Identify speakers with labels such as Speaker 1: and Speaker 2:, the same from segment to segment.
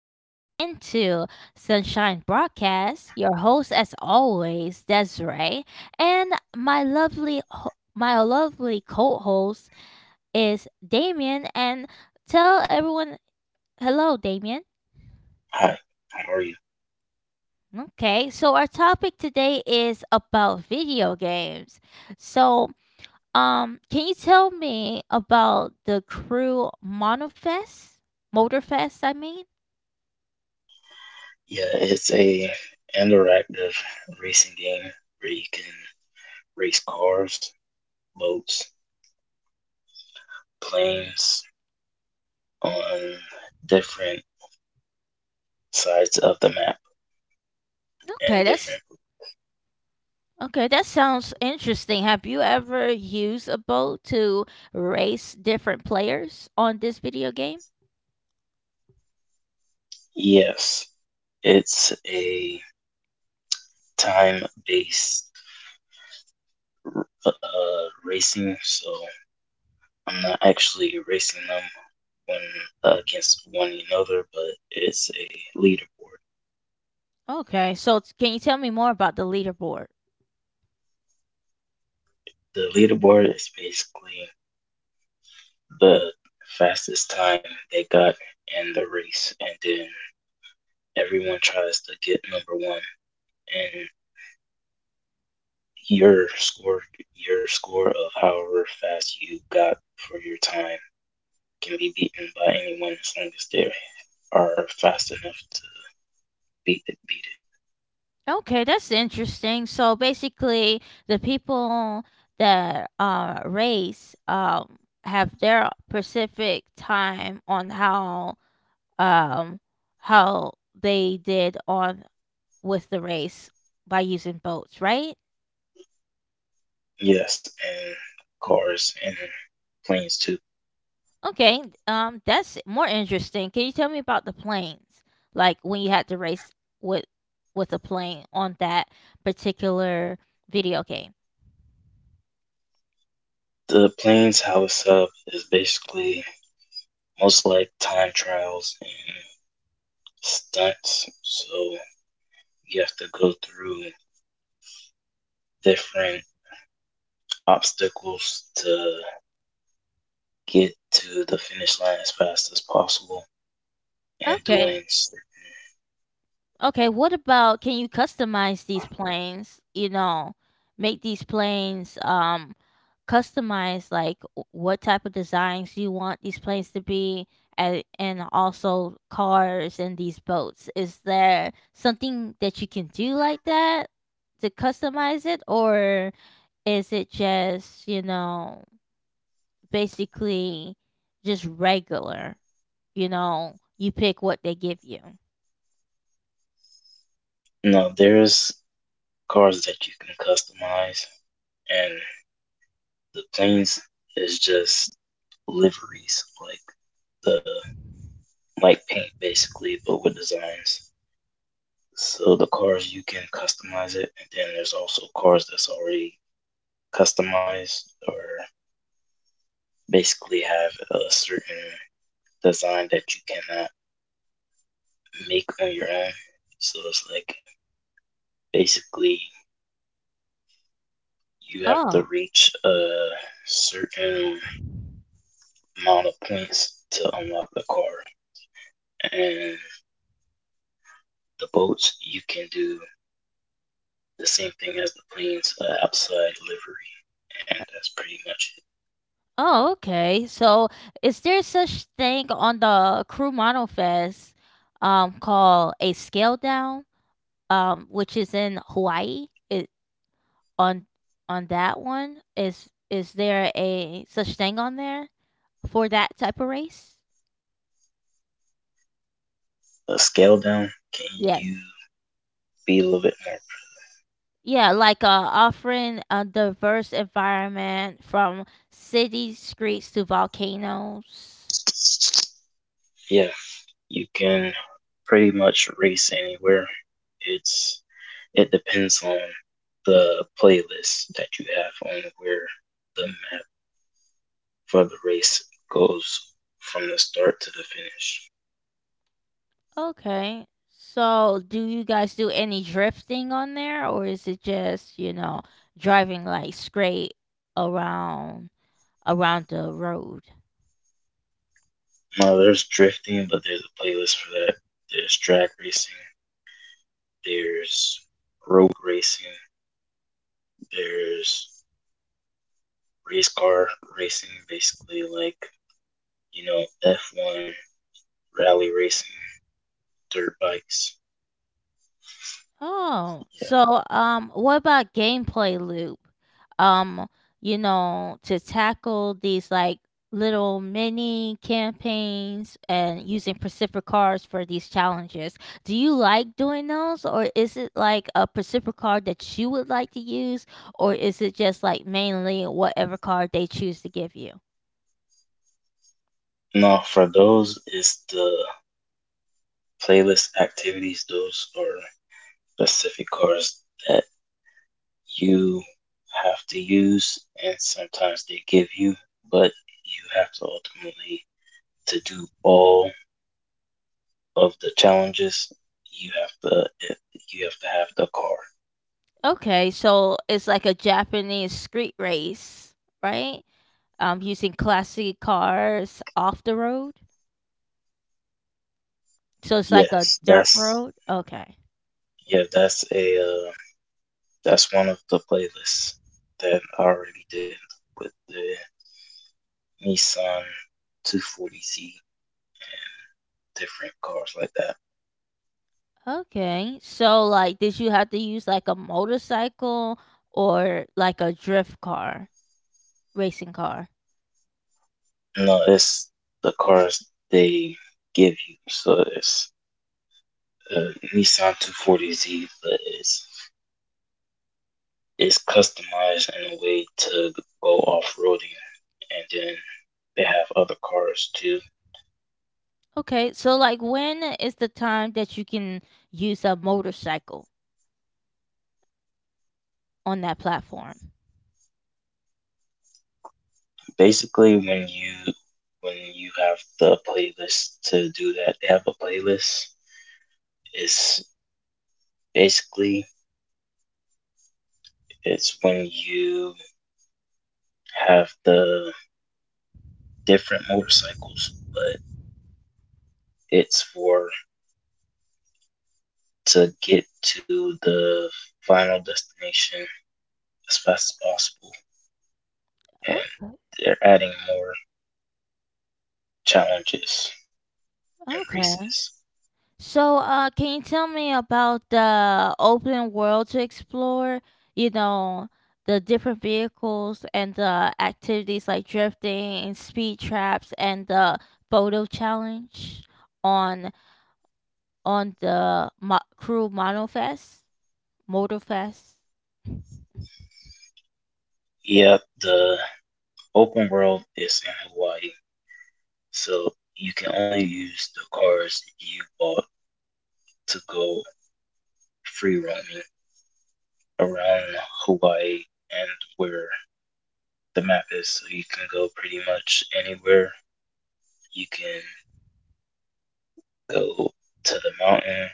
Speaker 1: tuning into Sunshine Broadcast. Your host, as always, Desiree, and my lovely co-host is Damien. And tell everyone, hello, Damien.
Speaker 2: Hi, how are you?
Speaker 1: Okay, so our topic today is about video games. So, can you tell me about the Crew Monofest, Motorfest? I mean.
Speaker 2: Yeah, it's a interactive racing game where you can race cars, boats, planes on different sides of the map and
Speaker 1: Okay, that's
Speaker 2: different.
Speaker 1: Okay, that sounds interesting. Have you ever used a boat to race different players on this video game?
Speaker 2: Yes, it's a time-based uh, racing, so I'm not actually racing them one against one another, but it's a leaderboard.
Speaker 1: Okay, so can you tell me more about the leaderboard?
Speaker 2: The leaderboard is basically the fastest time they got in the race, and then everyone tries to get number one. And your score, your score of however fast you got for your time, can be beaten by anyone as long as they are fast enough to beat it. Beat
Speaker 1: Okay, that's interesting. So basically, the people that race, have their specific time on um, how they did on with the race by using boats, right?
Speaker 2: it. Yes, and cars and planes too.
Speaker 1: Okay, that's more interesting. Can you tell me about the planes? Like when you had to race with with a plane on that particular video game.
Speaker 2: The planes how it's up is basically most like time trials and stunts. So you have to go through. Different obstacles to get to the finish line as fast as possible and
Speaker 1: Okay. Okay, what about, can you customize these planes, make these planes customize like what type of designs you want these planes to be? And also cars and these boats, is there something that you can do like that to customize it, or is it just, basically just regular? You pick what they give you.
Speaker 2: you there's cars that you can customize, and the planes is just liveries, like the like paint basically but with designs. So the cars you can customize, it and then there's also cars that's already customized, or basically have a certain design that you cannot make on your own. So it's like basically you have to
Speaker 1: Oh.
Speaker 2: reach a certain amount of points to unlock the car. And the boats you can do the same thing as the planes, outside livery, and that's pretty much
Speaker 1: Oh okay so is there such thing on the Crew Model Fest, called a scale down, which is in Hawaii. It on on that one, is there a such thing on there for that type of race?
Speaker 2: it. A scale down. Can you
Speaker 1: Yes.
Speaker 2: be a little bit more?
Speaker 1: Yeah, like, offering a diverse environment from city streets to volcanoes.
Speaker 2: Yeah, you can pretty much race anywhere. It's it depends on the playlist that you have on where the map for the race goes from the start to the finish.
Speaker 1: Okay. So, do you guys do any drifting on there, or is it just, driving like straight around around the road?
Speaker 2: Now there's drifting, but there's a playlist for that. There's drag racing, there's road racing, there's race car racing, basically, like, you know, F1, rally racing, dirt bikes.
Speaker 1: Oh, so, what about gameplay loop? Um, to tackle these like little mini campaigns and using Pacific cards for these challenges. Do you like doing those, or is it like a Pacific card that you would like to use, or is it just like mainly whatever card they choose to give you?
Speaker 2: Now for those is the playlist activities, those are specific cars that you have to use, and sometimes they give you, but you have to ultimately, to do all of the challenges, you have to you have to have the car.
Speaker 1: Okay, so it's like a Japanese street race, right? Using classic cars off the road. So it's like a
Speaker 2: Yes,
Speaker 1: dirt
Speaker 2: that's
Speaker 1: road? Okay.
Speaker 2: yeah, that's one of the playlists that I already did with the Nissan 240Z, different cars like that.
Speaker 1: Okay. So like, did you have to use like a motorcycle or like a drift car, racing car?
Speaker 2: No, it's the cars they give you, so it's uh, Nissan 240Z, but it's customized in a way to go off roading, and then they have other cars too.
Speaker 1: Okay. So like, when is the time that you can use a motorcycle on that platform?
Speaker 2: Basically, when you have the playlist to do that, they have a playlist. It's basically it's when you have the different motorcycles, but it's for to get to the final destination as fast as possible.
Speaker 1: Okay.
Speaker 2: They're adding more challenges and
Speaker 1: Okay.
Speaker 2: races.
Speaker 1: So, can you tell me about the open world to explore? You know, the different vehicles and the activities like drifting and speed traps and the photo challenge on on the mo- crew monofest. Motorfest.
Speaker 2: Yep, the open world is in Hawaii, so you can only use the cars you bought to go free roaming around Hawaii and where the map is. So you can go pretty much anywhere. You can go to the mountain.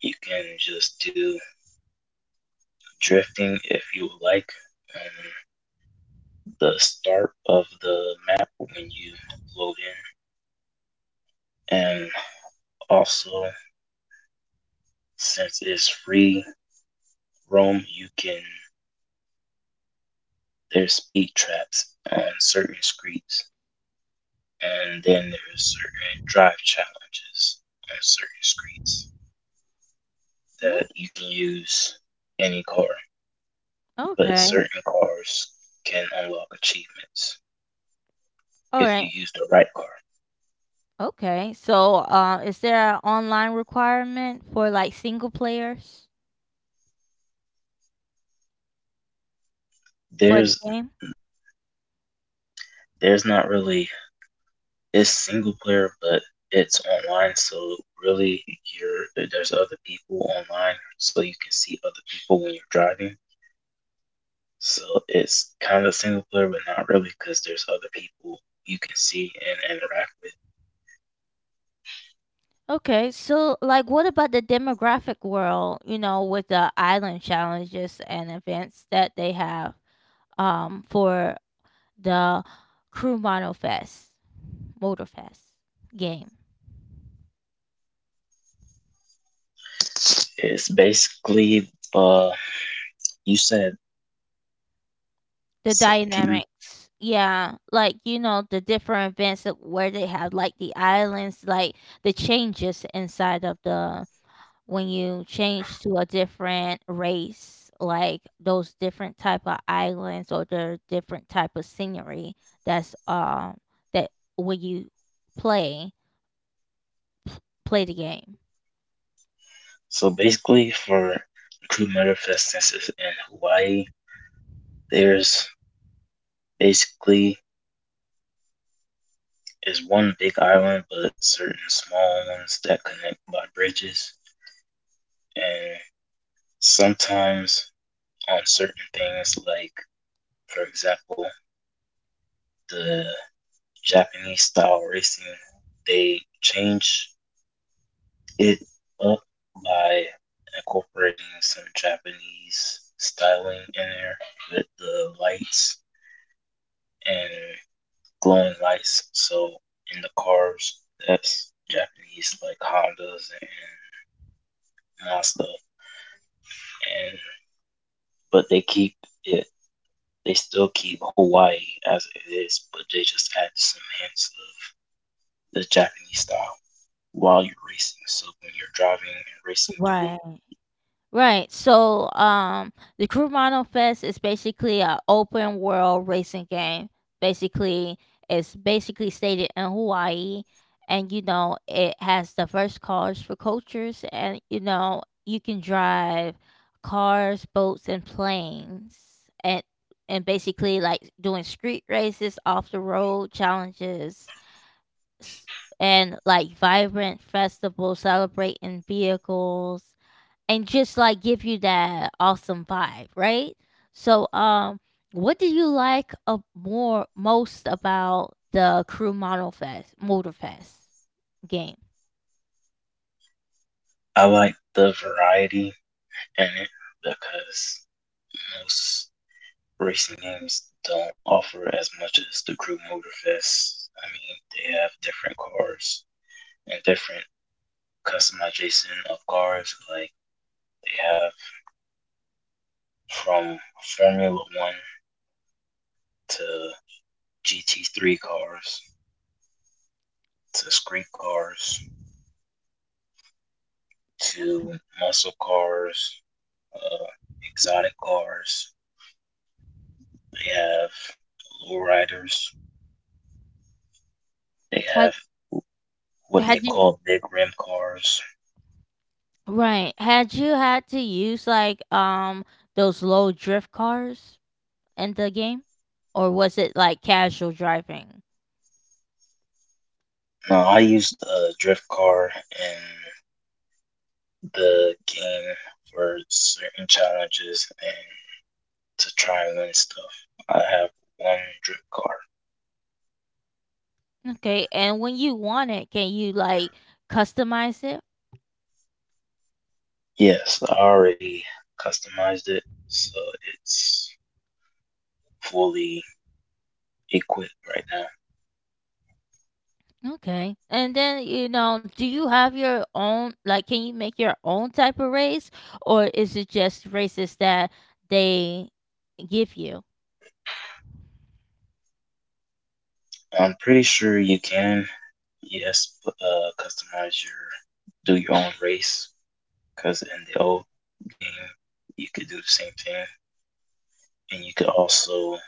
Speaker 2: You can just do drifting if you would like on the start of the map when you load in. And also, since it's free roam, you can, there's speed traps on certain streets, and then there's certain drive challenges on certain streets
Speaker 1: No.
Speaker 2: that you can use any car, but
Speaker 1: Okay.
Speaker 2: certain cars can unlock achievements
Speaker 1: All
Speaker 2: if
Speaker 1: right.
Speaker 2: you use the right car.
Speaker 1: Okay. So, is there an online requirement for like single players for the
Speaker 2: There's
Speaker 1: game?
Speaker 2: there's not really, it's single player, but it's online, so really you're there's other people online, so you can see other people when you're driving. So it's kind of single player, but not really, because there's other people you can see and interact
Speaker 1: Okay, so like, what about the demographic world, with the island challenges and events that they have for the Crew Mono Fest, Motor Fest game.
Speaker 2: with. It's basically uh you said,
Speaker 1: The
Speaker 2: so, can you-
Speaker 1: dynamics. Yeah, like, the different events that, where they have like the islands, like the changes inside of the, when you change to a different race, like those different type of islands or their different type of scenery that's that, when you play play the game,
Speaker 2: so basically for Crew Motorfest, since it's in Hawaii, there's basically is one big island, but certain small ones that connect by bridges, and sometimes on certain things, like, for example, the Japanese style racing, they changed it up by incorporating some Japanese styling in there with the lights and glowing lights. So in the cars, that's Japanese like Hondas and Mazda, and but they keep it. They still keep Hawaii as it is, but they just add some hints of the Japanese style while you're racing. So when you're driving and racing through,
Speaker 1: right? Right. So, the Crew Mono Fest is basically an open world racing game. Basically, it's basically stated in Hawaii, and you know it has diverse cars for cultures, and you know you can drive cars, boats, and planes, and basically like doing street races, off the road challenges, s- and like vibrant festivals celebrating vehicles and just like give you that awesome vibe, right? So, what do you like a more most about the Crew Model Fest Motor Fest game?
Speaker 2: I like the variety in it, because most racing games don't offer as much as the Crew Motorfest. I mean, they have different cars and different customization of cars. Like they have from Formula One to GT3 cars to street cars
Speaker 1: Okay.
Speaker 2: to muscle cars, uh, exotic cars. They have low riders. They have
Speaker 1: Had
Speaker 2: what they
Speaker 1: had you
Speaker 2: call big rim cars.
Speaker 1: right? Had you had to use like those low drift cars in the game, or was it like casual driving?
Speaker 2: Now, I used a drift car in the game for certain challenges and to try and win stuff. I have one drift car.
Speaker 1: Okay, and when you want it, can you like customize it?
Speaker 2: Yes, I already customized it, so it's fully equipped right now.
Speaker 1: Okay. And then, do you have your own, like, can you make your own type of race, or is it just races that they give you?
Speaker 2: I'm pretty sure you can, yes, customize do your own race, because in the old game, you could do the same thing, and you could also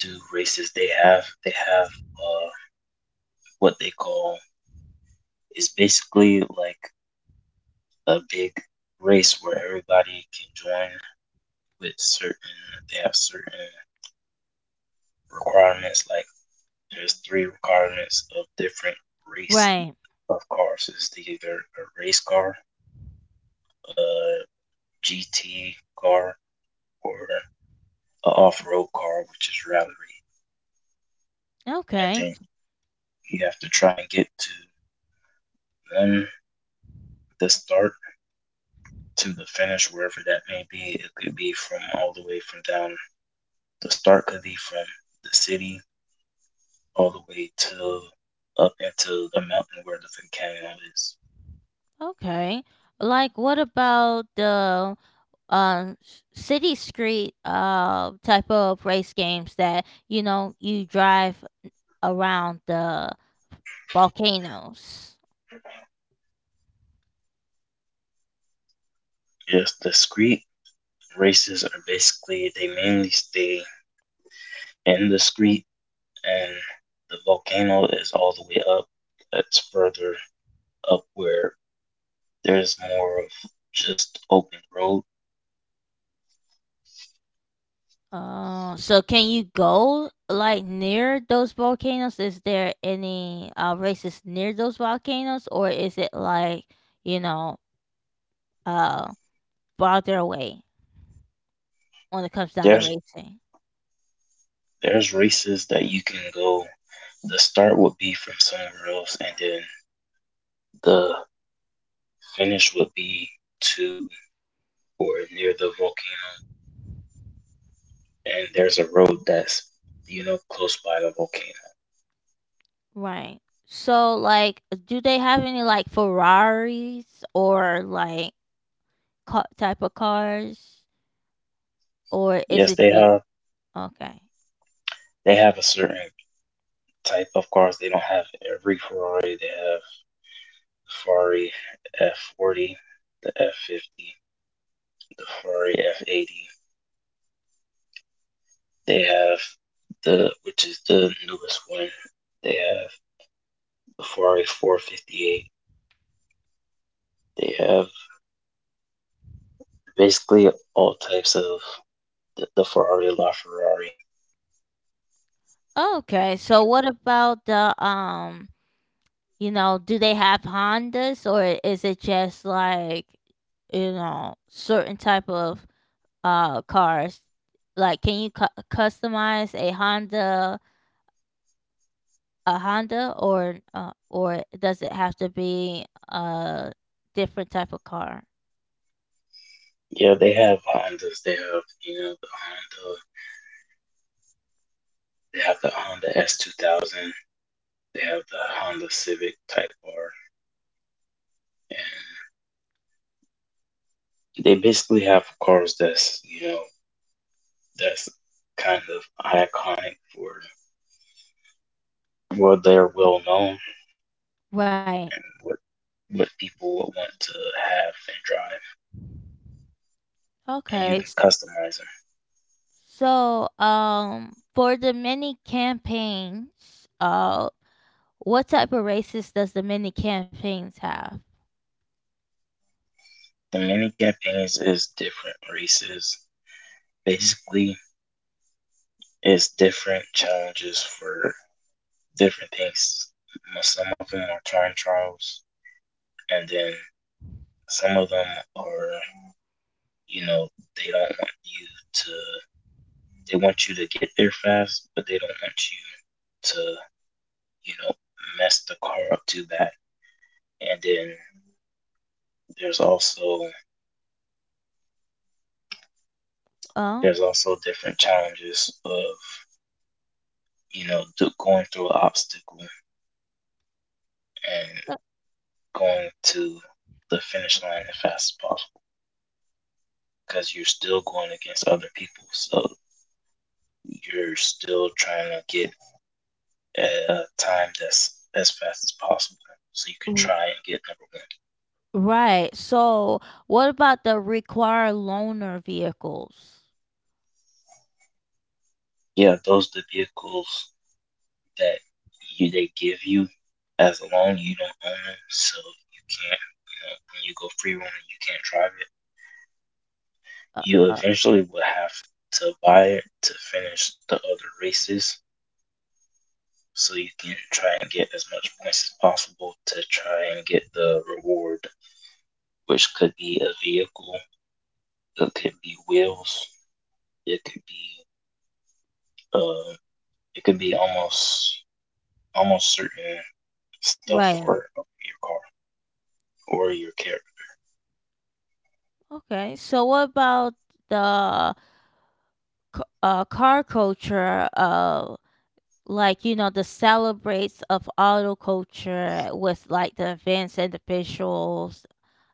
Speaker 2: do races they have. They have what they call is basically like a big race where everybody can join with certain. They have certain requirements. Like there's three requirements of different race
Speaker 1: Right.
Speaker 2: of cars. It's either a race car, a GT car, or a off-road car, which is rally. And
Speaker 1: Okay.
Speaker 2: then you have to try and get to one the start to the finish, wherever that may be. It could be from all the way from down. The start could be from the city all the way to up into the mountain where the volcano is.
Speaker 1: Okay. Like, what about the city street, type of race games that, you drive around the volcanoes?
Speaker 2: Yes, the street races are basically they mainly stay in the street, and the volcano is all the way up. That's further up where there's more of just open road.
Speaker 1: So, can you go like near those volcanoes? Is there any races near those volcanoes, or is it like, you know uh farther away when it comes down to
Speaker 2: There's
Speaker 1: racing?
Speaker 2: there's races that you can go. The start would be from somewhere else, and then the finish would be to or near the volcano, and there's a road that's, you know, close by the volcano.
Speaker 1: Right. So like, do they have any like Ferraris or like type of cars, or is
Speaker 2: Yes,
Speaker 1: it
Speaker 2: they
Speaker 1: just
Speaker 2: have,
Speaker 1: okay?
Speaker 2: they have a certain type of cars. They don't have every Ferrari. They have Ferrari F40, the F50, the Ferrari F80. They have the which is the newest one. They have the Ferrari 458. They have basically all types of the Ferrari LaFerrari.
Speaker 1: Okay. So what about the You know, do they have Hondas, or is it just like, certain type of cars? Like, can you customize a Honda, or does it have to be a different type of car?
Speaker 2: Yeah, they have Hondas. They have, you know, the Honda. They have the Honda S 2000. They have the Honda Civic Type R. And they basically have cars that's, you know, that's kind of iconic for what they're well known,
Speaker 1: Right.
Speaker 2: and what people would want to have and drive. And you
Speaker 1: Okay.
Speaker 2: can customize them.
Speaker 1: So, for the mini campaigns, what type of races does the mini campaigns have?
Speaker 2: The mini campaigns is different races. Basically, it's different challenges for. Different things. Some of them are time trials, and then some of them are, you know, they don't want you to, they want you to get there fast, but they don't want you to, you know, mess the car up too bad. And then there's also, there's also different challenges of, you know, going through an obstacle and going to the finish line as fast as possible, because you're still going against other people. So you're still trying to get a time that's as fast as possible so you can
Speaker 1: Oh,
Speaker 2: try and get number one.
Speaker 1: right. So, what about the required loaner vehicles?
Speaker 2: Yeah, those are the vehicles that you they give you as a loan. You don't own them, so you can't. You know, when you go free roaming, you can't drive it.
Speaker 1: Uh,
Speaker 2: You
Speaker 1: uh,
Speaker 2: eventually will have to buy it to finish the other races, so you can try and get as much points as possible to try and get the reward, which could be a vehicle, it could be wheels, it could be uh, it could be almost certain stuff
Speaker 1: right.
Speaker 2: for your car or your car.
Speaker 1: Okay. So, what about the car culture? Like, the celebrates of auto culture with like the events and the visuals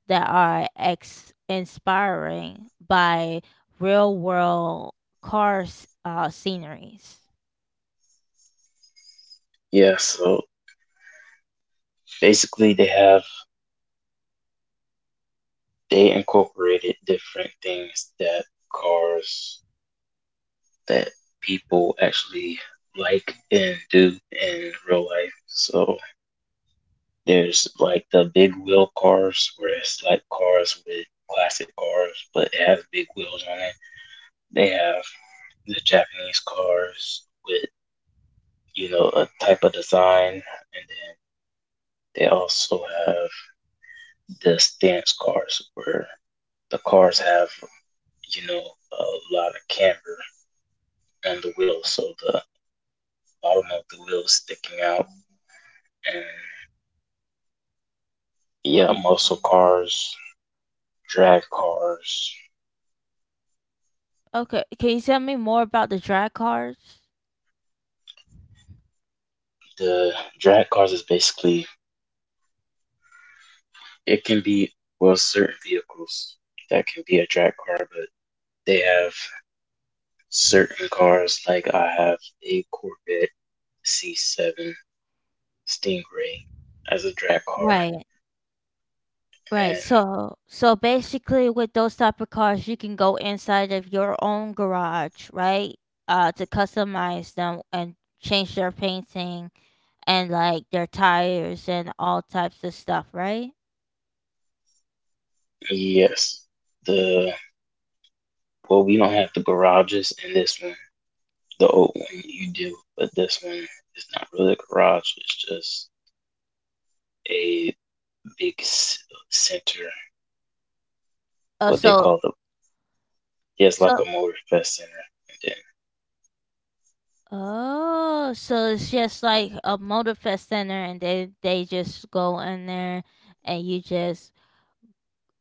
Speaker 1: that are inspiring by real world cars, sceneries.
Speaker 2: Yeah, so basically they have, they incorporated different things that cars that people actually like and do in real life. So there's like the big wheel cars where it's like cars with classic cars but it has big wheels on it. They have the Japanese cars with. You know, a type of design, and then they also have the stance cars where the cars have, you know, a lot of camber on the wheels, so the bottom of the wheel is sticking out, and yeah,
Speaker 1: Y-
Speaker 2: muscle cars, drag cars.
Speaker 1: Okay. Can you tell me more about the drag cars?
Speaker 2: The drag cars is basically it can be, well, certain vehicles that can be a drag car, but they have certain cars like I have a Corvette C7 Stingray as a drag car.
Speaker 1: Right. Right.
Speaker 2: And
Speaker 1: So basically, with those type of cars, you can go inside of your own garage, right? To customize them and change their painting and like their tires and all types of stuff, right?
Speaker 2: yes, the, well, we don't have the garages in this one. The old one you do, but this one is not really a garage. It's just a big center,
Speaker 1: Oh
Speaker 2: what they
Speaker 1: so
Speaker 2: call it. Yeah, it's
Speaker 1: so
Speaker 2: like a motor fest center. And then,
Speaker 1: oh, so it's just like a motor fest center, and they just go in there, and you just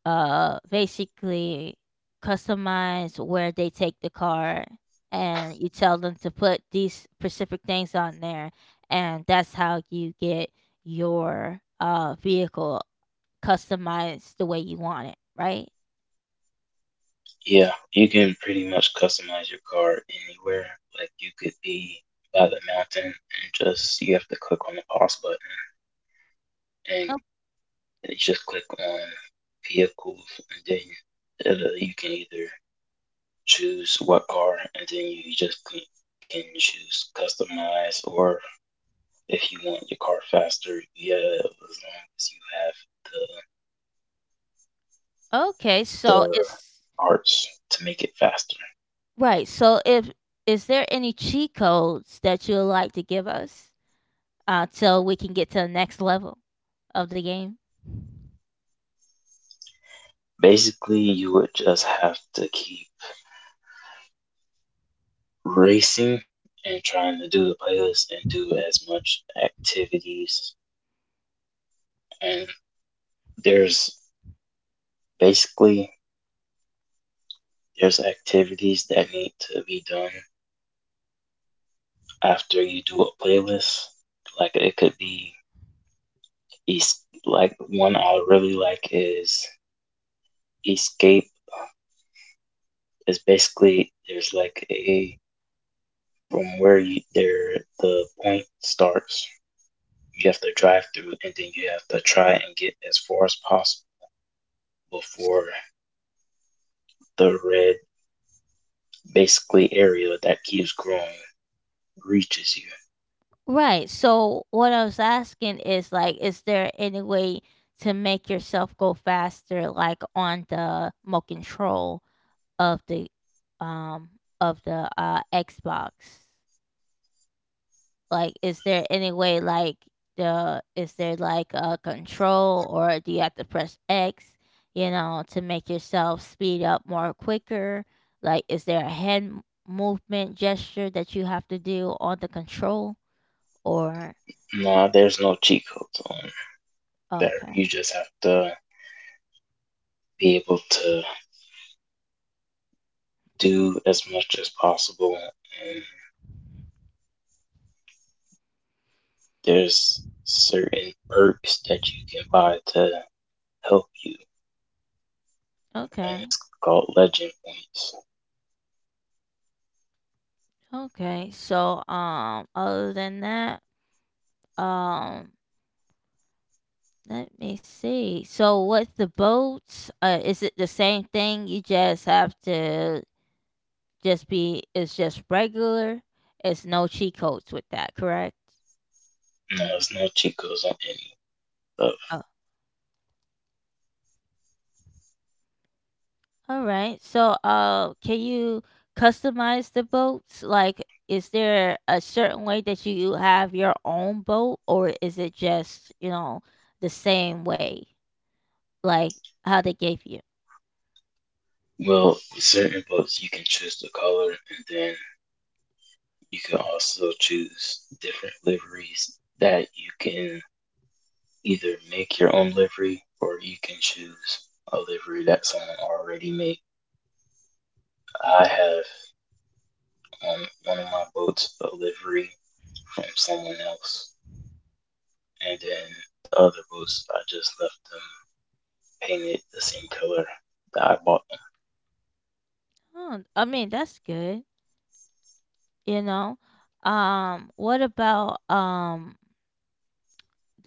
Speaker 1: basically customize where they take the car, and you tell them to put these specific things on there, and that's how you get your vehicle customized the way you want it, right?
Speaker 2: yeah, you can pretty much customize your car anywhere. Like you could be by the mountain and just you have to click on the pause button and.
Speaker 1: Oh,
Speaker 2: and you just click on vehicles, and then it'll, you can either choose what car, and then you just can choose customize, or if you want your car faster, yeah, as long as you have
Speaker 1: okay, so
Speaker 2: the
Speaker 1: it's
Speaker 2: parts to make it faster.
Speaker 1: right so if is there any cheat codes that you'd like to give us till we can get to the next level of the game?
Speaker 2: Basically you would just have to keep racing and trying to do the playlist and do as much activities, and there's basically there's activities that need to be done after you do a playlist. Like it could be like one I really like is escape. It's basically there's like a from where you, there the point starts. You have to drive through and then you have to try and get as far as possible before the red basically area that keeps growing reaches you.
Speaker 1: Right. So what I was asking is like, is there any way to make yourself go faster, like on the remote control of the um of the Xbox? Like, is there any way, like the is there like a control, or do you have to press X, to make yourself speed up more quicker? Like, is there a hand movement gesture that you have to do on the control, or?
Speaker 2: No, there's no cheat codes on
Speaker 1: uh,
Speaker 2: there. You just have to be able to do as much as possible. And there's certain perks that you can buy to help you, and
Speaker 1: Okay.
Speaker 2: it's called Legend Points.
Speaker 1: Okay. So, other than that, um, let me see. So, with the boats, is it the same thing? You just have to just be. It's just regular. It's no cheat codes with that, correct?
Speaker 2: No, it's no cheat codes on any of.
Speaker 1: Oh, all right. So, can you customize the boats? Like, is there a certain way that you have your own boat, or is it just, the same way, like how they gave you?
Speaker 2: Well, with certain boats, you can choose the color, and then you can also choose different liveries that you can either make your own livery or you can choose a livery that someone already made. I have on one of my boats a livery from someone else. And then the other boots, I just left them painted the same color that I bought them.
Speaker 1: Oh, I mean, that's good, you know? What about,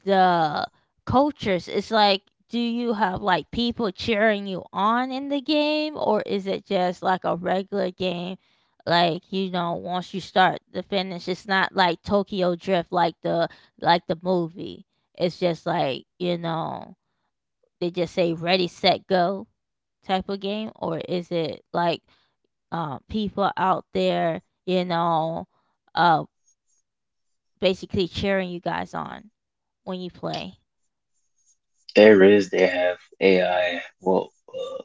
Speaker 1: the cultures? It's like, do you have like people cheering you on in the game, or is it just like a regular game? Like, once you start to finish, it's not like Tokyo Drift, like the movie. It's just like, they just say ready, set, go type of game, or is it like, people out there, uh, basically cheering you guys on when you play?
Speaker 2: There is, they have AI,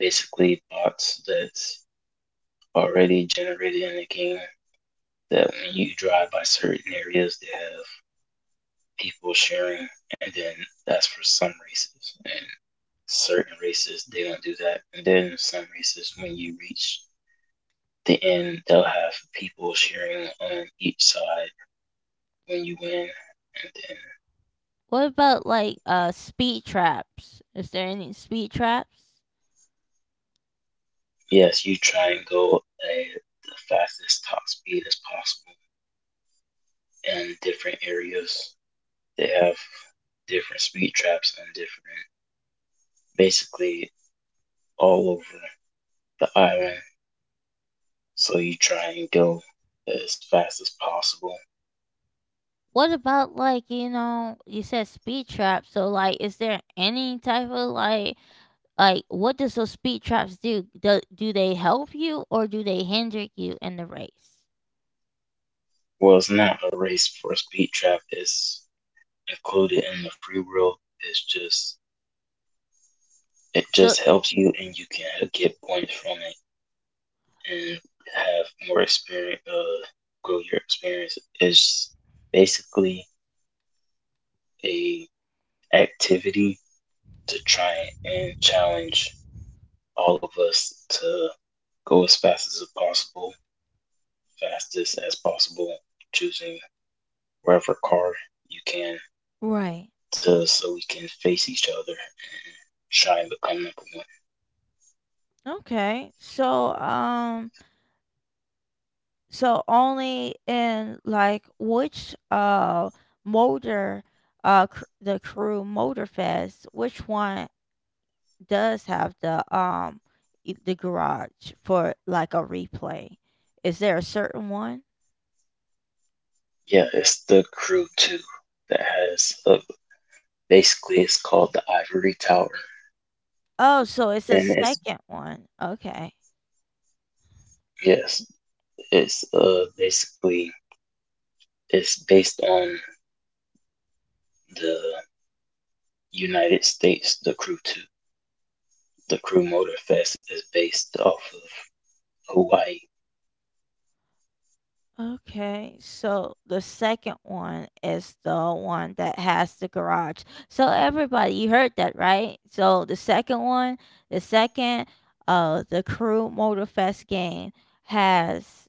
Speaker 2: basically bots that's already generated in the game that when you drive by certain areas, they have people sharing, and then that's for some races. And certain races, they don't do that. And then some races, when you reach the end, they'll have people sharing on each side when you win. And then,
Speaker 1: What about like speed traps? Is there any speed traps?
Speaker 2: yes, you try and go at the fastest top speed as possible. And different areas, they have different speed traps and different, basically all over the island. So you try and go as fast as possible.
Speaker 1: What about, like, you said speed traps? So like, is there any type of, like what does those speed traps do? Do they help you, or do they hinder you in the race?
Speaker 2: Well, it's not a race for a speed trap. It's included in the free world. It's just it
Speaker 1: So
Speaker 2: just helps you, and you can get points from it, and have more experience. Grow your experience is basically a activity to try and challenge all of us to go as fast as possible, fastest as possible, choosing wherever car you can
Speaker 1: Right.
Speaker 2: to so we can face each other, try and become number one.
Speaker 1: Okay. So so only in, like, which motor the Crew motor fest which one does have the the garage for like a replay? Is there a certain one?
Speaker 2: Yeah, it's the crew too that has basically it's called the Ivory Tower,
Speaker 1: Oh, so it's a
Speaker 2: and it's
Speaker 1: second one. Okay.
Speaker 2: yes, it's basically it's based on the United States. The crew two, the crew motor fest is based off of Hawaii.
Speaker 1: Okay. So the second one is the one that has the garage. So everybody, you heard that, right? So the second one, the second the Crew motor fest game has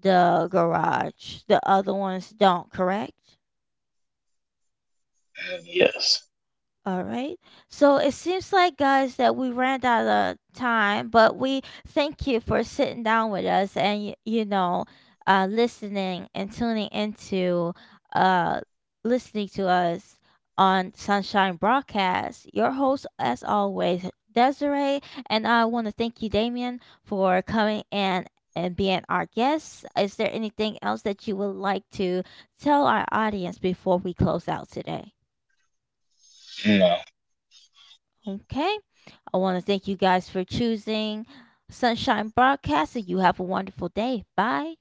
Speaker 1: the garage. The other ones don't, correct?
Speaker 2: Mm, yes.
Speaker 1: All right. So it seems like, guys, that we ran out of time, but we thank you for sitting down with us, and, listening and tuning into, uh, listening to us on Sunshine Broadcast. Your host, as always, Desiree. And I want to thank you, Damien, for coming in and being our guest. Is there anything else that you would like to tell our audience before we close out today?
Speaker 2: No.
Speaker 1: Okay. I want to thank you guys for choosing Sunshine Broadcast, and you have a wonderful day. Bye.